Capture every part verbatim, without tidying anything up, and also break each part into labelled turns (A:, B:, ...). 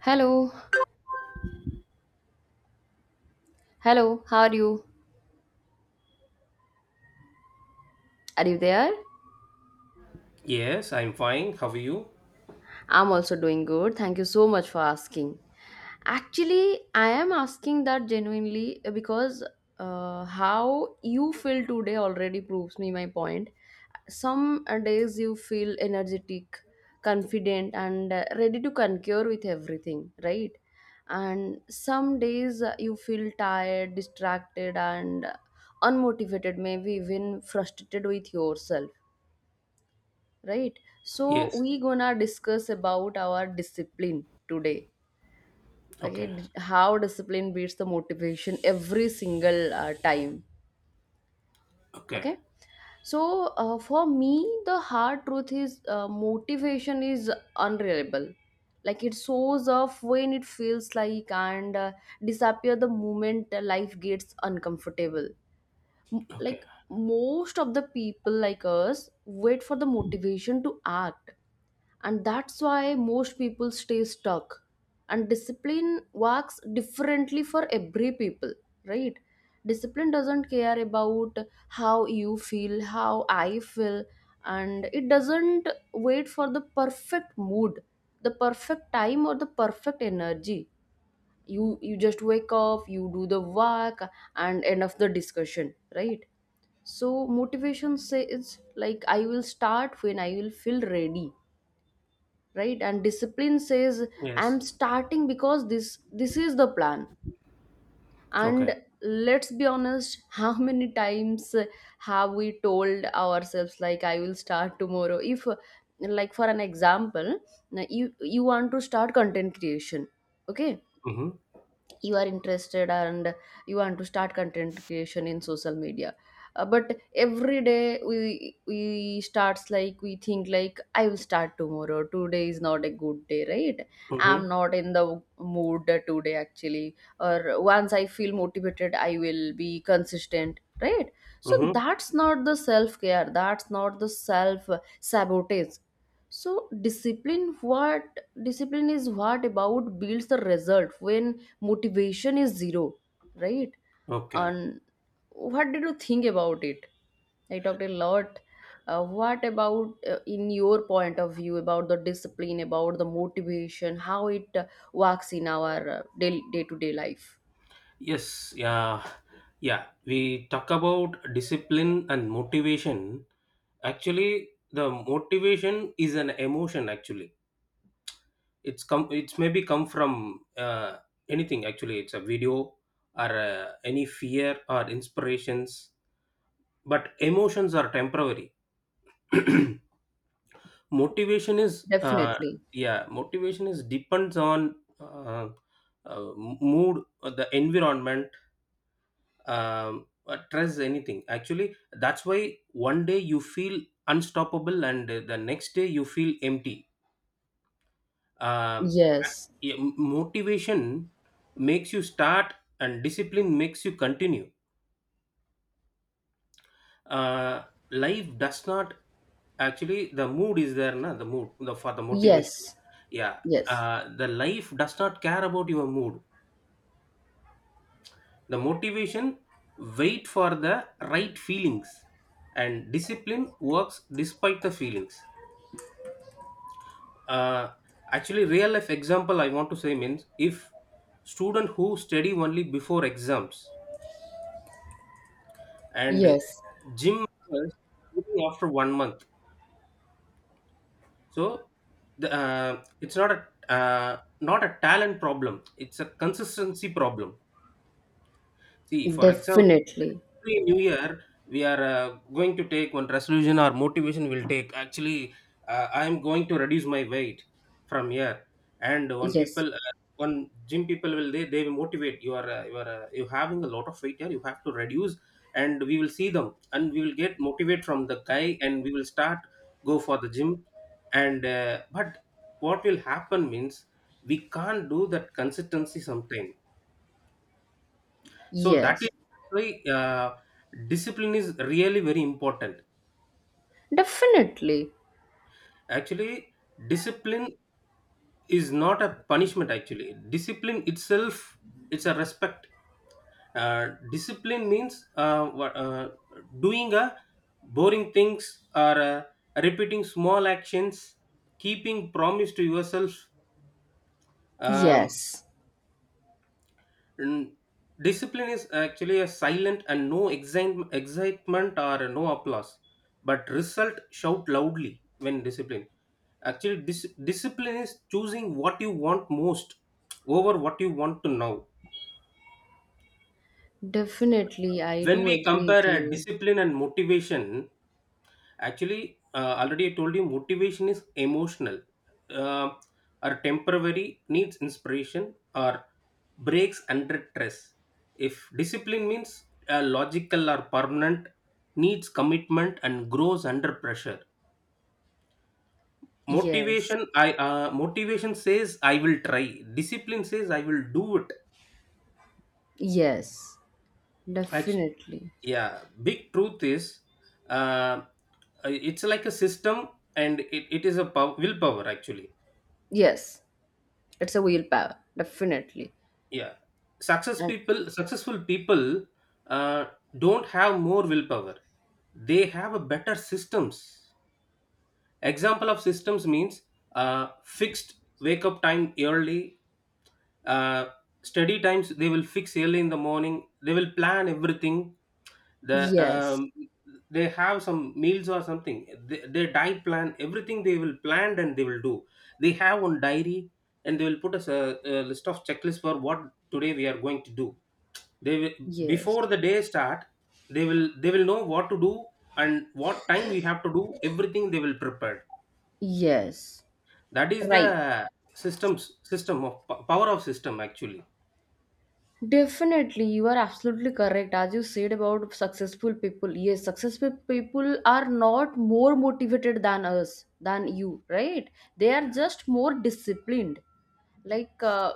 A: Hello, hello, how are you? Are you there?
B: Yes, I'm fine. How are you?
A: I'm also doing good. Thank you so much for asking. Actually, I am asking that genuinely, uh, because uh, how you feel today already proves me my point. Some uh, days you feel energetic, confident, and uh, ready to concur with everything, right? And some days uh, you feel tired, distracted, and uh, unmotivated, maybe even frustrated with yourself, right? So
B: Yes.
A: we gonna discuss about our discipline today. Okay,
B: Okay.
A: d- how discipline beats the motivation every single uh, time.
B: Okay.
A: Okay, so uh, for me the hard truth is, uh, motivation is unreliable. Like, it shows off when it feels like, and uh, disappear the moment uh, life gets uncomfortable. M-
B: Okay.
A: like, most of the people like us wait for the motivation to act, and that's why most people stay stuck. And discipline works differently for every people, right? Discipline doesn't care about how you feel, how I feel, and it doesn't wait for the perfect mood, the perfect time, or the perfect energy. You you just wake up, you do the work, and end of the discussion, right? So motivation says, like, I will start when I will feel ready, right? And discipline says,
B: Yes.
A: I'm starting because this this is the plan. And
B: Okay.
A: let's be honest, how many times have we told ourselves, like, I will start tomorrow, if, like, for an example, you you want to start content creation. Okay,
B: Mm-hmm.
A: you are interested, and you want to start content creation in social media. Uh, but every day we we starts, like, we think, like, I will start tomorrow, today is not a good day, right?
B: Mm-hmm.
A: I'm not in the mood today, actually, or once I feel motivated, I will be consistent, right? So
B: Mm-hmm.
A: that's not the self care, that's not the self sabotage. So discipline, what, discipline is what about builds the result when motivation is zero, right?
B: Okay.
A: And what did you think about it? I talked a lot. Uh, what about, uh, in your point of view, about the discipline, about the motivation, how it uh, works in our uh, day to day life?
B: Yes. Yeah. Yeah, we talk about discipline and motivation. Actually, the motivation is an emotion. Actually, it's come. It's maybe come from uh, anything. Actually, it's a video or uh, any fear or inspirations. But emotions are temporary. motivation is uh,
A: Definitely.
B: yeah, motivation is depends on uh, uh, mood, uh, the environment, um, uh, trust anything, actually. That's why one day you feel unstoppable and uh, the next day you feel empty. um,
A: Yes.
B: yeah, motivation makes you start and discipline makes you continue. uh, Life does not, actually the mood is there na, the mood the for the motivation.
A: Yes.
B: Yeah.
A: Yes.
B: Uh, the life does not care about your mood. The motivation wait for the right feelings, and discipline works despite the feelings. uh, Actually, real life example I want to say means if student who study only before exams and
A: Yes.
B: gym members quitting after one month. So the, uh, it's not a uh, not a talent problem; it's a consistency problem. See, for example,
A: Definitely.
B: every new year we are uh, going to take one resolution or motivation will take. Actually, uh, I am going to reduce my weight from here. And one
A: Yes.
B: people, uh, one gym people will they they will motivate. You are uh, you are uh, you having a lot of weight here. You have to reduce, and we will see them, and we will get motivate from the guy, and we will start go for the gym. And uh, but what will happen means we can't do that consistency sometime, so that is
A: Yes.
B: why uh, discipline is really very important.
A: Definitely.
B: Actually, discipline is not a punishment. Actually, discipline itself, it's a respect. Uh, discipline means uh, wha- uh, doing a boring things or uh, repeating small actions, keeping promise to yourself. Um,
A: Yes.
B: And discipline is actually a silent and no exi- excitement or no applause, but result shout loudly when discipline. Actually, dis- discipline is choosing what you want most over what you want to know.
A: Definitely, I
B: When
A: do
B: we
A: agree with
B: compare a
A: you.
B: discipline and motivation, actually, uh, already I told you, motivation is emotional, uh, or temporary, needs inspiration or breaks under stress. If discipline means uh, logical or permanent, needs commitment and grows under pressure.
A: Yes.
B: Motivation, I uh, motivation says I will try. Discipline says I will do it.
A: Yes,
B: Act-
A: definitely.
B: yeah, big truth is, uh, it's like a system, and it, it is a pow- willpower actually.
A: Yes, it's a willpower, definitely.
B: Yeah. Success
A: And
B: people successful people uh, don't have more willpower, they have a better systems. Example of systems means uh, fixed wake up time early. uh, Study times they will fix early in the morning, they will plan everything. The.
A: yes,
B: um, they have some meals or something. They, their diet plan everything, they will plan and they will do. They have one diary and they will put us a, a list of checklist for what today we are going to do. They will,
A: yes,
B: before the day start, they will they will know what to do and what time we have to do everything they will prepared.
A: yes,
B: That is
A: right.
B: the systems, system of power of system, actually.
A: Definitely, you are absolutely correct. As you said about successful people, yes, successful people are not more motivated than us, than you, right? They are
B: Yeah.
A: just more disciplined. Like, uh,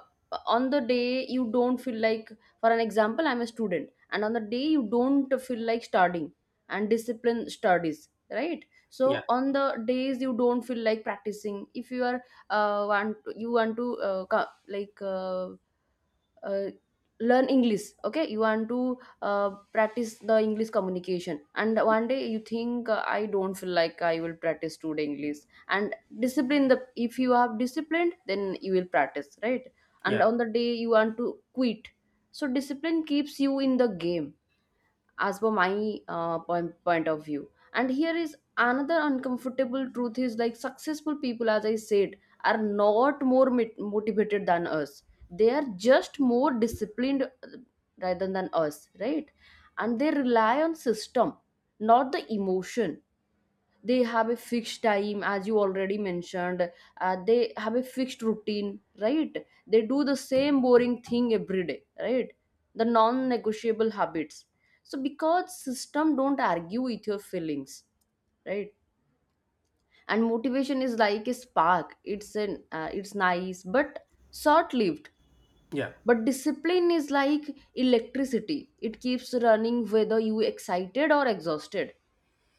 A: on the day you don't feel like, for an example, I'm a student, and on the day you don't feel like studying, and discipline studies, right? So
B: Yeah.
A: on the days you don't feel like practicing, if you are, uh, want you want to, uh, co- like, uh, uh, learn english. Okay, you want to uh, practice the english communication, and one day you think, uh, I don't feel like, I will practice today english, and discipline, the, if you have disciplined, then you will practice, right? And
B: Yeah.
A: on the day you want to quit, so discipline keeps you in the game, as per my uh, point, point of view. And here is another uncomfortable truth is, like, successful people, as I said, are not more mit- motivated than us, they are just more disciplined, uh, rather than us, right? And they rely on system, not the emotion. They have a fixed time, as you already mentioned, uh, they have a fixed routine, right? They do the same boring thing every day, right? The non-negotiable habits. So because system don't argue with your feelings, right? And motivation is like a spark, it's an uh, it's nice but short-lived.
B: Yeah.
A: But discipline is like electricity, it keeps running whether you excited or exhausted.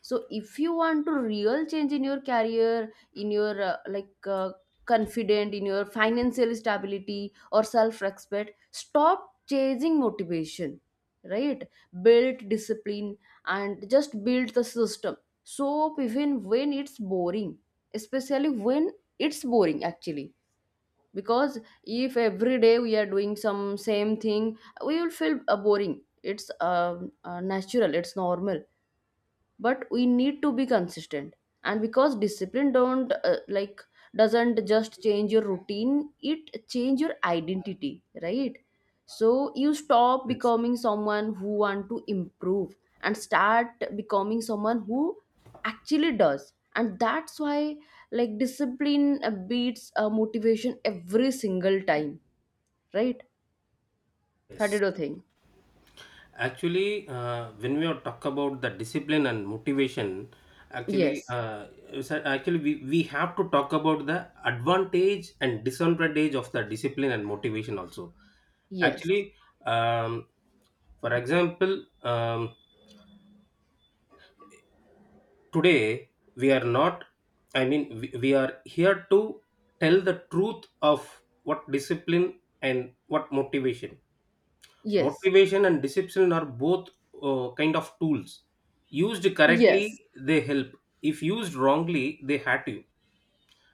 A: So if you want to real change in your career, in your uh, like uh, confident, in your financial stability or self respect, stop chasing motivation, right? Build discipline, and just build the system. So even when it's boring, especially when it's boring, actually, because if every day we are doing some same thing, we will feel uh, boring. It's um uh, natural, it's normal, but we need to be consistent. And because discipline don't uh, like doesn't just change your routine, it change your identity, right? So you stop
B: Yes.
A: becoming someone who want to improve, and start becoming someone who actually does. And that's why, like, discipline uh, beats uh, motivation every single time, right? How did
B: Yes.
A: you think?
B: Actually, uh, when we are talk about the discipline and motivation, actually,
A: Yes.
B: uh, is that- actually we, we have to talk about the advantage and disadvantage of the discipline and motivation also.
A: Yes.
B: Actually, um, for example, um, today we are not. I mean, we, we are here to tell the truth of what discipline and what motivation.
A: Yes.
B: Motivation and discipline are both uh, kind of tools. Used
A: Yes.
B: correctly, they help. If used wrongly, they hurt you.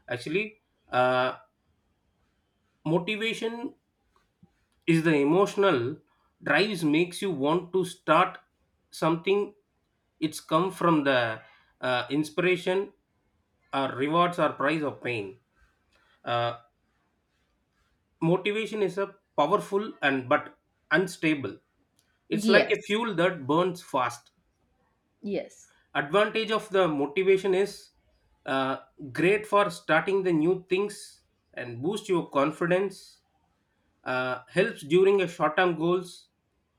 B: Actually, uh, motivation is the emotional drives makes you want to start something. It's come from the uh, inspiration, or rewards, or prize, or pain. Uh, Motivation is a powerful and but unstable. It's like
A: Yes.
B: a
A: Yes.
B: fuel that burns fast.
A: Yes.
B: Advantage of the motivation is uh, great for starting the new things and boost your confidence. Uh, helps during a short term goals,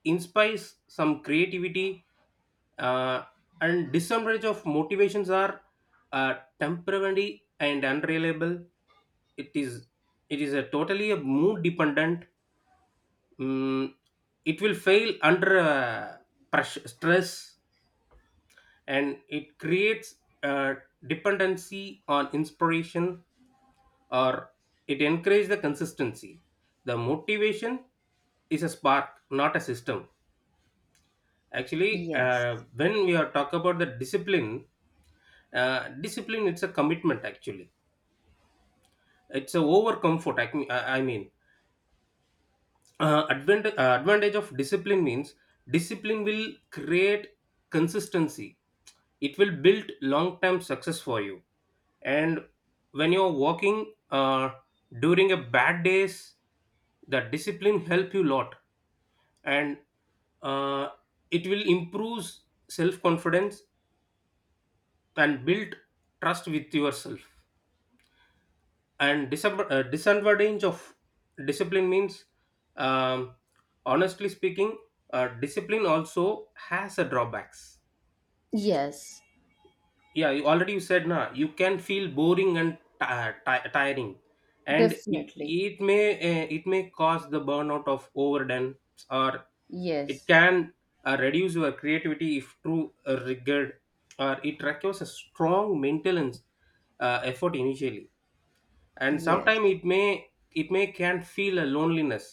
B: inspires some creativity. uh, and disadvantage of motivations are uh, temporary and unreliable. it is it is a totally a mood dependent. mm, it will fail under uh, pressure, stress, and it creates a dependency on inspiration, or it encourages the consistency. The motivation is a spark, not a system. Actually,
A: Yes.
B: uh, when we are talk about the discipline. Uh, discipline, it's a commitment actually. It's a over comfort. I, mean- I I mean uh, advantage, uh, advantage of discipline means discipline will create consistency, it will build long term success for you. And when you're walking uh, during a bad days, the discipline help you lot. And uh, it will improve self confidence and build trust with yourself. And December, uh, disadvantage of discipline means, um, honestly speaking, uh, discipline also has a drawbacks.
A: Yes.
B: Yeah, you already you said na, you can feel boring and ti- ti- tiring. And it
A: Definitely.
B: it may uh, it may cause the burnout of overdone. Or it
A: Yes.
B: can uh, reduce your creativity if too uh, rigid. Or it requires a strong maintenance uh, effort initially. And
A: Yes.
B: sometimes it may it may can feel a loneliness,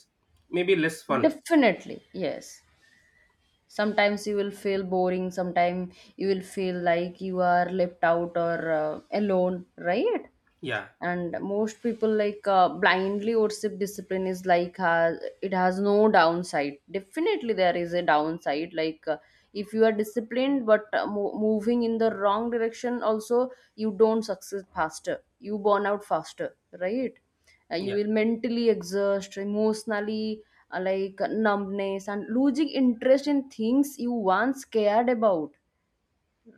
B: maybe less fun.
A: Definitely. Yes. Sometimes you will feel boring. Sometimes you will feel like you are left out or, uh, alone, right?
B: Yeah.
A: And most people, like, uh, blindly worship discipline is, like, has, it has no downside. Definitely there is a downside, like, uh, if you are disciplined but uh, mo- moving in the wrong direction also, you don't succeed faster, you burn out faster, right? Uh, you
B: Yeah.
A: will mentally exhaust, emotionally, uh, like numbness and losing interest in things you once cared about,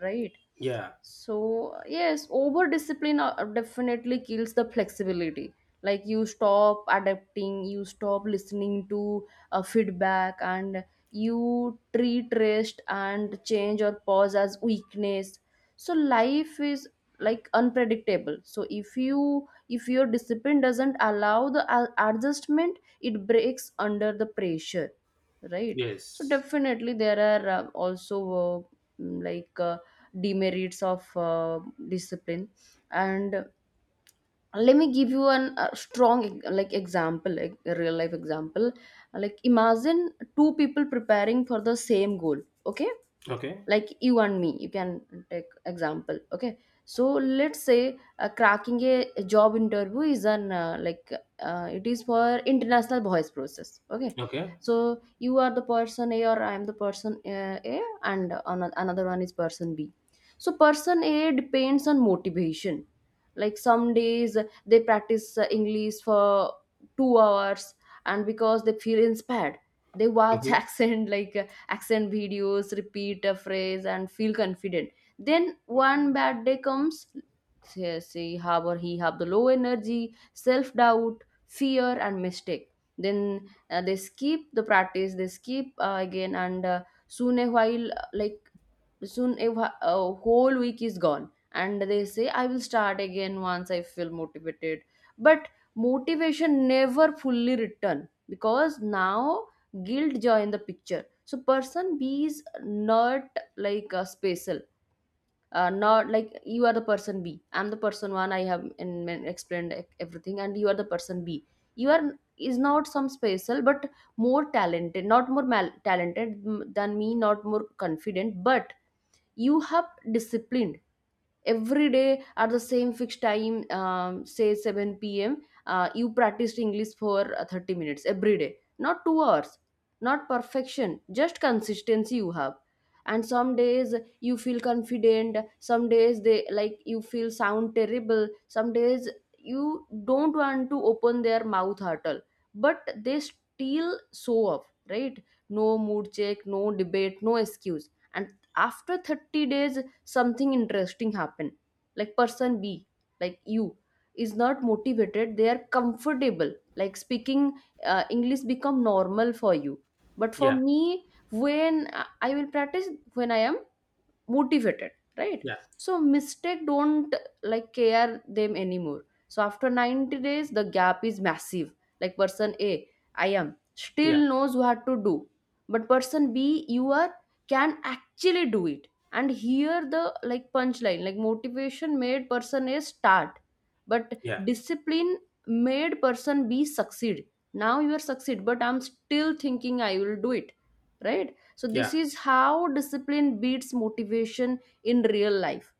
A: right?
B: Yeah.
A: So, yes, over discipline uh, definitely kills the flexibility. Like, you stop adapting, you stop listening to uh, feedback, and you treat rest and change or pause as weakness. So life is, like, unpredictable. So if you if your discipline doesn't allow the a- adjustment, it breaks under the pressure, right? So
B: Yes.
A: definitely there are uh, also uh, mm, like. Uh, demerits of uh, discipline. And let me give you an a strong e- like example, like a real life example, like imagine two people preparing for the same goal. Okay,
B: Okay.
A: like you and me, you can take example. Okay, so let's say, uh, cracking a, a job interview, is an uh, like uh, it is for international voice process. Okay,
B: Okay.
A: so you are the person A, or I am the person, uh, A, and ano- another one is person B. So person A depends on motivation. Like, some days they practice uh, english for two hours, and because they feel inspired, they watch
B: Hmm.
A: accent like accent videos, repeat a phrase, and feel confident. Then one bad day comes, say, say have or he have the low energy, self doubt, fear, and mistake. Then uh, they skip the practice, they skip uh, again. And uh, soon a while, uh, like soon a, wh- a whole week is gone, and they say, I will start again once I feel motivated. But motivation never fully return, because now guilt join the picture. So person B is not, like, a special, uh, not, like, you are the person B, I'm the person one, I have in, in- explained e- everything, and you are the person B. you are is not some special, but more talented, not more mal- talented mm, than me, not more confident, but you have disciplined every day at the same fixed time, um, say, seven p m, uh, you practiced english for uh, thirty minutes every day, not two hours, not perfection, just consistency you have. And some days you feel confident, some days they like you feel sound terrible, some days you don't want to open their mouth at all, but they still show off, right? No mood check, no debate, no excuse. And after thirty days, something interesting happen. Like, person B, like you, is not motivated, they are comfortable, like speaking uh, english become normal for you. But for
B: Yeah.
A: me, when i I will practice, when I am motivated, right?
B: Yeah.
A: So mistake don't, like, care them anymore. So after ninety days, the gap is massive. Like, person A, I am, still
B: Yeah.
A: knows what to do, but person B, you are, can actually do it. And here the, like, punchline, like, motivation made person A start, but
B: Yeah.
A: discipline made person B succeed. Now you are succeed, but I'm still thinking I will do it, right? So this is how discipline beats motivation in real life,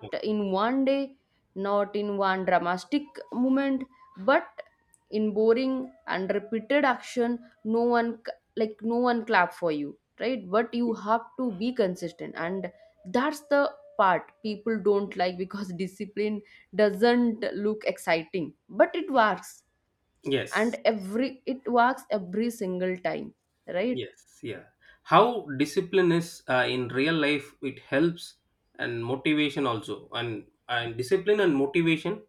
B: Yeah.
A: in one day, not in one dramatic moment, but in boring and repeated action. No one c- like no one clap for you, right? But you have to be consistent, and that's the part people don't like, because discipline doesn't look exciting, but it works,
B: Yes.
A: and every it works every single time, right?
B: Yes, yeah. How discipline is uh, in real life, it helps, and motivation also, and and discipline and motivation,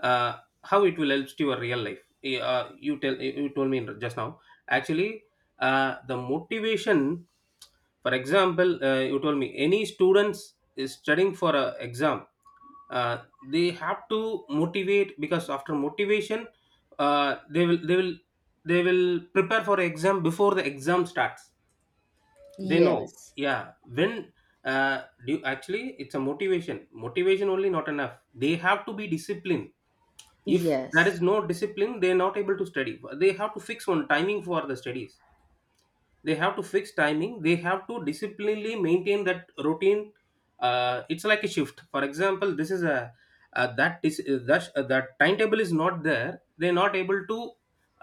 B: uh, how it will help to your real life. Eh, Uh, you tell you told me just now. Actually, uh, the motivation. For example, uh, you told me any students is studying for a exam. Uh, they have to motivate because after motivation, uh, they will they will they will prepare for exam before the exam starts. They know.
A: Yes.
B: Yeah. When uh, do actually it's a motivation motivation only not enough, they have to be disciplined. If there
A: Yes,
B: is no discipline, they're not able to study, they have to fix one timing for the studies. They have to fix timing, they have to disciplinely maintain that routine. Uh, it's like a shift, for example. This is a uh, that is uh, that, uh, that timetable is not there. They're not able to.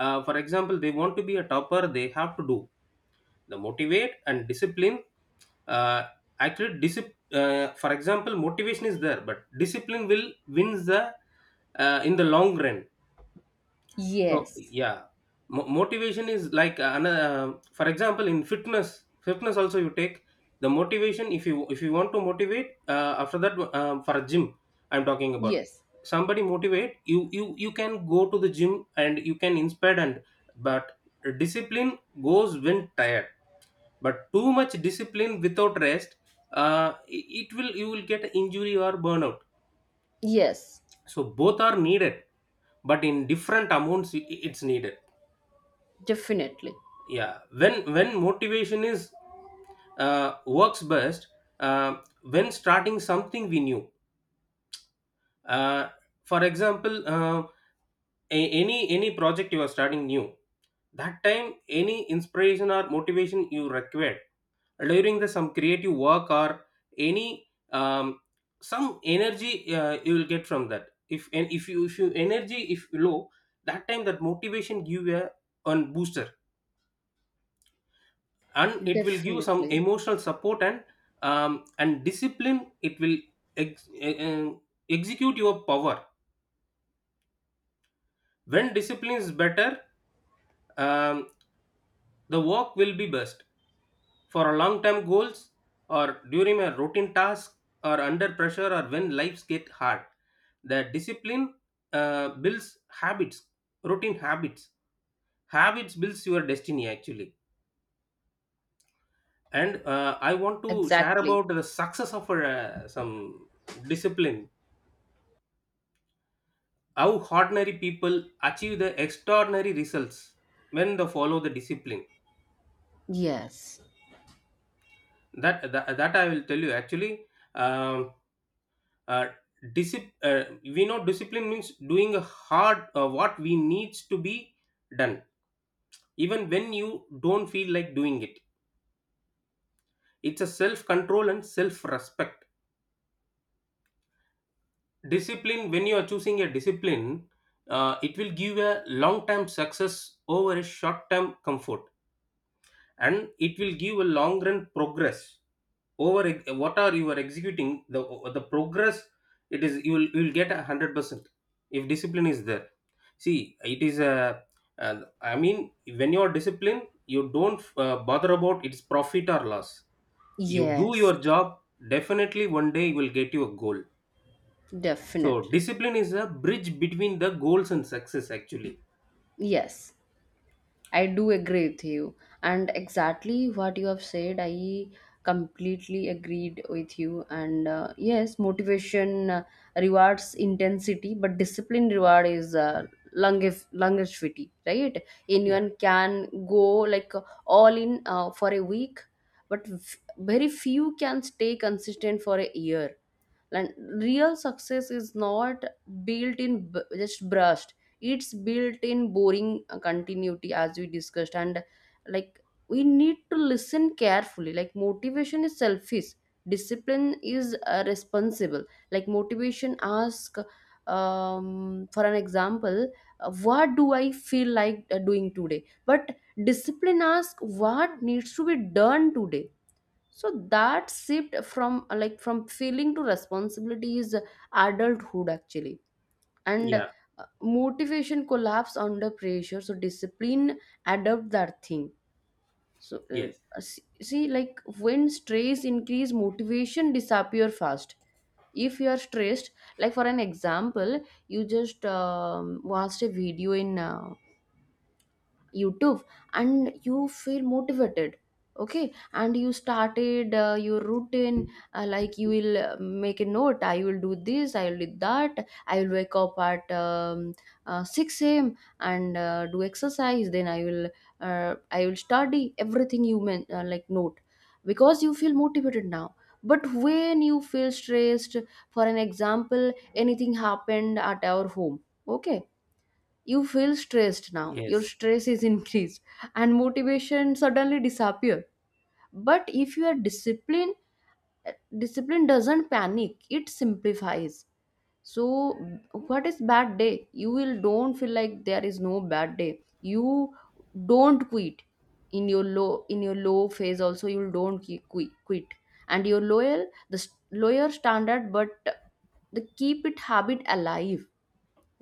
B: uh, For example, they want to be a topper, they have to do the motivate and discipline. uh, Actually discipline, uh, for example, motivation is there, but discipline will wins the, uh, in the long run. So
A: yes,
B: yeah, Mo- motivation is like an, uh, for example in fitness. Fitness also you take the motivation, if you if you want to motivate. Uh, after that, um, for a gym, I'm talking about.
A: yes,
B: Somebody motivate you. You you can go to the gym and you can inspire, and but discipline goes when tired. But too much discipline without rest, uh, it it will you will get injury or burnout.
A: yes,
B: So both are needed, but in different amounts it, it's needed.
A: definitely,
B: Yeah, when when motivation is uh, works best uh, when starting something we new. uh, for example, uh, a- any any project you are starting new, that time any inspiration or motivation you required. During the some creative work or any, um, some energy, uh, you will get from that. If and if you if you energy if low, that time that motivation give a one booster, and it will give some
A: definitely,
B: emotional support, and um, and discipline, it will ex- eh, eh, execute your power. When discipline is better, um, the work will be best, for a long term goals or during a routine task or under pressure or when lives get hard. The discipline uh, builds habits, routine habits, habits builds your destiny actually. And uh, I want to share
A: exactly.
B: about the success of uh, some discipline. How ordinary people achieve the extraordinary results when they follow the discipline.
A: Yes,
B: That that, that I will tell you actually. Um, uh, discip- uh, we know discipline means doing a hard, uh, what we needs to be done, even when you don't feel like doing it. It's a self control and self respect. Discipline. When you are choosing a discipline, uh, it will give a long term success over a short term comfort. And it will give a long run progress over ex- what are you are executing the the progress. It is you will you will get a hundred percent if discipline is there. See, it is a, uh, I mean, when you are disciplined, you don't uh, bother about its profit or loss. You do
A: yes,
B: your job, definitely one day you will get your goal. So
A: definitely.
B: discipline is a bridge between the goals and success, actually.
A: Yes, I do agree with you. And exactly what you have said, I completely agreed with you. And uh, yes, motivation uh, rewards intensity, but discipline reward is uh, longef- longevity, right?
B: Yeah.
A: Anyone can go like all in uh, for a week, but f- very few can stay consistent for a year. And real success is not built in b- just brushed. It's built in boring uh, continuity, as we discussed. And like, we need to listen carefully. Like, motivation is selfish, discipline is uh, responsible. Like, motivation ask, um, for an example, uh, what do I feel like uh, doing today, but discipline ask what needs to be done today. So that shift from uh, like from feeling to responsibility is adulthood, actually. And uh,
B: Yeah.
A: motivation collapse under pressure, so discipline adopt that thing. So um,
B: Yes.
A: uh, see, see like when stress increase, motivation disappear fast. If you are stressed, like for an example, you just um, watched a video in uh, YouTube and you feel motivated. Okay, and you started uh, your routine. uh, like you will uh, make a note, I will do this, I will do that, I will wake up at um, uh, six a m a.m and uh, do exercise, then i will uh, I will study everything, you mean, uh, like, note. Because you feel motivated now, but when you feel stressed, for an example, anything happened at our home, okay, you feel stressed now, your
B: Yes.
A: stress is increased, and motivation suddenly disappear. But if you are disciplined, discipline doesn't panic, it simplifies. So what is bad day? You will don't feel like there is no bad day, you don't quit. In your low in your low phase also, you don't ki- quit quit And your loyal the s- lower standard, but the keep it habit alive,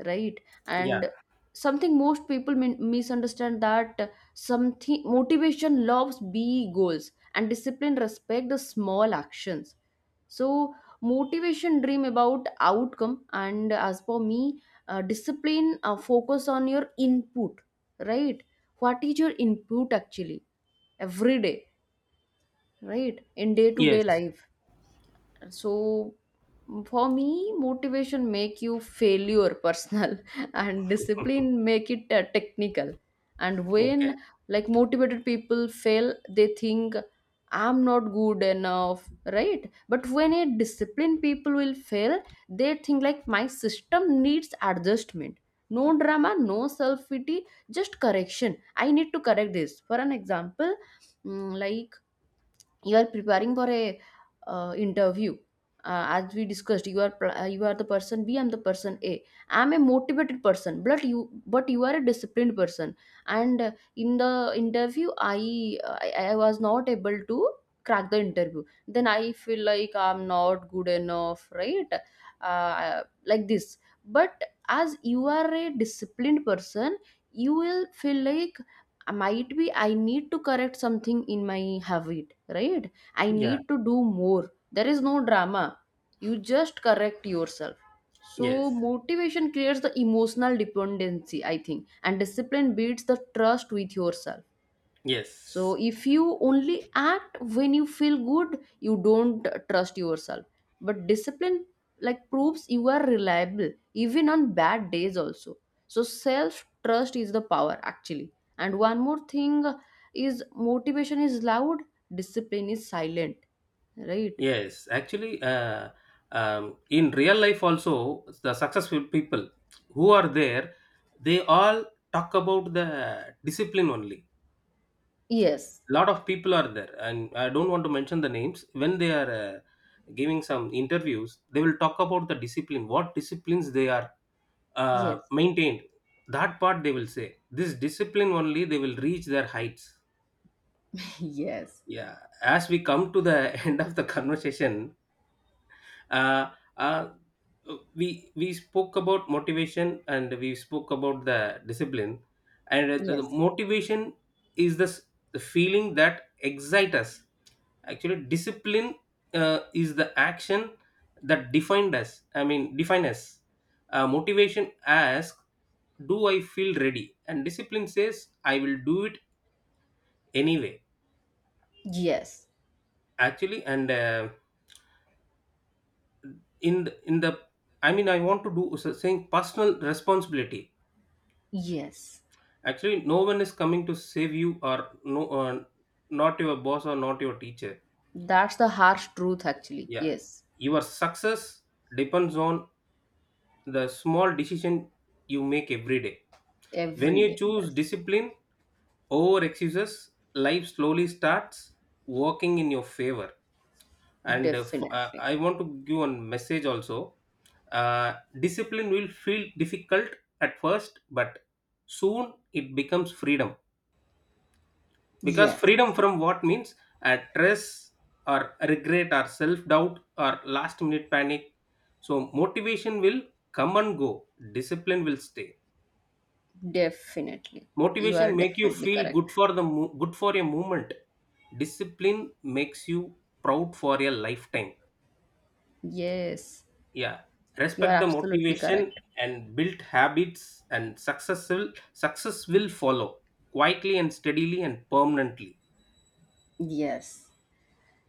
A: right?
B: Yeah.
A: And something most people min- misunderstand that, uh, something motivation loves big goals and discipline respect the small actions. So motivation dream about outcome, and as for me, uh, discipline uh, focus on your input, right? What is your input, actually, every day, right, in day to day
B: Yes.
A: life? So for me motivation make you failure personal and discipline make it uh, technical. And
B: Okay.
A: when, like motivated people fail, they think, I'm not good enough, right? But when a disciplined people will fail, they think, like, my system needs adjustment, no drama, no self pity, just correction. I need to correct this. For an example, mm, like you are preparing for a uh, interview. uh, as we discussed, you are pl- uh, you are the person B, I'm the person A. I'm a motivated person, but you but you are a disciplined person. And uh, in the interview, i i, I was not able to crack the interview, then I feel like I'm not good enough, right? uh, like this. But as you are a disciplined person, you will feel like, I might be, I need to correct something in my habit, right? I
B: Yeah.
A: need to do more. There is no drama, you just correct yourself. So
B: Yes.
A: motivation creates the emotional dependency, I think, and discipline builds the trust with yourself. So
B: Yes.
A: if you only act when you feel good, you don't trust yourself. But discipline like proves you are reliable even on bad days also. So self trust is the power, actually. And one more thing is, motivation is loud, discipline is silent, right?
B: Yes, actually, uh, um, in real life also, the successful people who are there, they all talk about the discipline only.
A: Yes.
B: Lot of people are there, and I don't want to mention the names. When they are uh, giving some interviews, they will talk about the discipline, what disciplines they are uh,
A: Yes.
B: maintained. That part they will say. This discipline only, they will reach their heights.
A: Yes.
B: Yeah, as we come to the end of the conversation, uh, uh, we we spoke about motivation, and we spoke about the discipline. And uh, the
A: Yes.
B: motivation is this the feeling that excites us, actually discipline uh, is the action that defined us, I mean, define us. Uh, motivation asks, do I feel ready, and discipline says, I will do it anyway.
A: Yes.
B: Actually. And uh, in the, in the I mean, I want to do so saying personal responsibility.
A: Yes.
B: Actually, no one is coming to save you, or no, uh, not your boss or not your teacher.
A: That's the harsh truth, actually.
B: Yeah,
A: Yes.
B: your success depends on the small decision you make every day. When
A: Every
B: you
A: day.
B: choose
A: Yes.
B: discipline over excuses, life slowly starts working in your favor. And uh, f- uh,
A: Definitely.
B: I want to give one message also. Uh, discipline will feel difficult at first, but soon it becomes freedom. Because freedom
A: Yes,
B: from what means, uh, stress or regret or self-doubt or last minute panic. So motivation will come and go, discipline will stay.
A: definitely. You are
B: Motivation make you
A: definitely
B: feel
A: correct.
B: good for the mo- good for a moment, discipline makes you proud for a lifetime.
A: Yes,
B: Yeah,
A: you are
B: respect the
A: absolutely correct.
B: motivation and build habits and success will success will follow quietly and steadily and permanently.
A: Yes.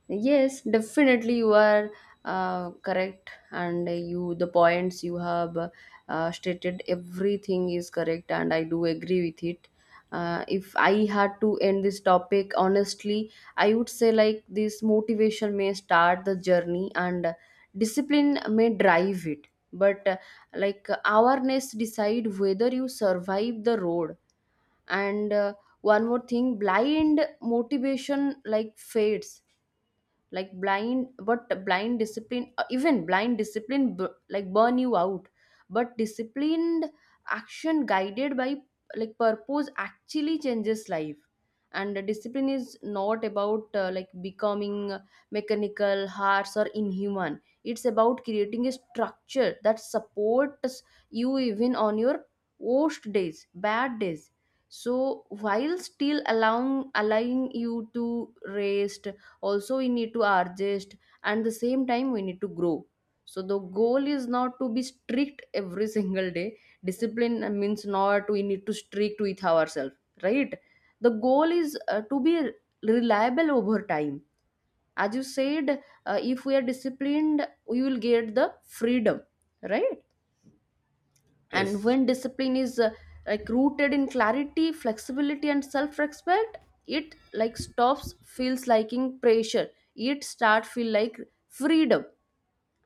A: Yes, definitely you are uh, correct, and you the points you have uh, stated, everything is correct, and I do agree with it. Uh, if I had to end this topic honestly, I would say like this, motivation may start the journey, and discipline may drive it. But uh, like awareness decide whether you survive the road. And uh, one more thing, blind motivation like fades, like blind, but blind discipline uh, even blind discipline b- like burn you out. But disciplined action guided by like purpose actually changes life. And the discipline is not about uh, like becoming mechanical, harsh or inhuman. It's about creating a structure that supports you even on your worst days, bad days. So while still allowing allowing you to rest also. We need to adjust, and the same time we need to grow. So the goal is not to be strict every single day. Discipline means not we need to strict with ourselves, right? The goal is uh, to be reliable over time. As you said, uh, if we are disciplined we will get the freedom, right? And
B: Yes.
A: when discipline is uh, like rooted in clarity, flexibility and self-respect, it like stops feels liking pressure, it start feel like freedom.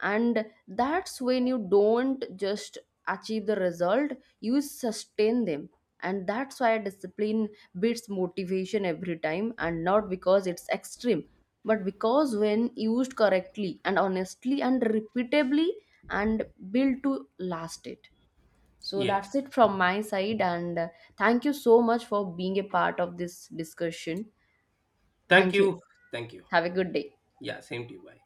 A: And that's when you don't just achieve the result, you sustain them. And that's why discipline beats motivation every time, and not because it's extreme, but because when used correctly and honestly and repeatably and built to last it. So that's
B: Yes.
A: it from my side, and uh, thank you so much for being a part of this discussion.
B: Thank
A: Thank you.
B: you. Thank you.
A: Have a good day.
B: Yeah, same to you. Bye.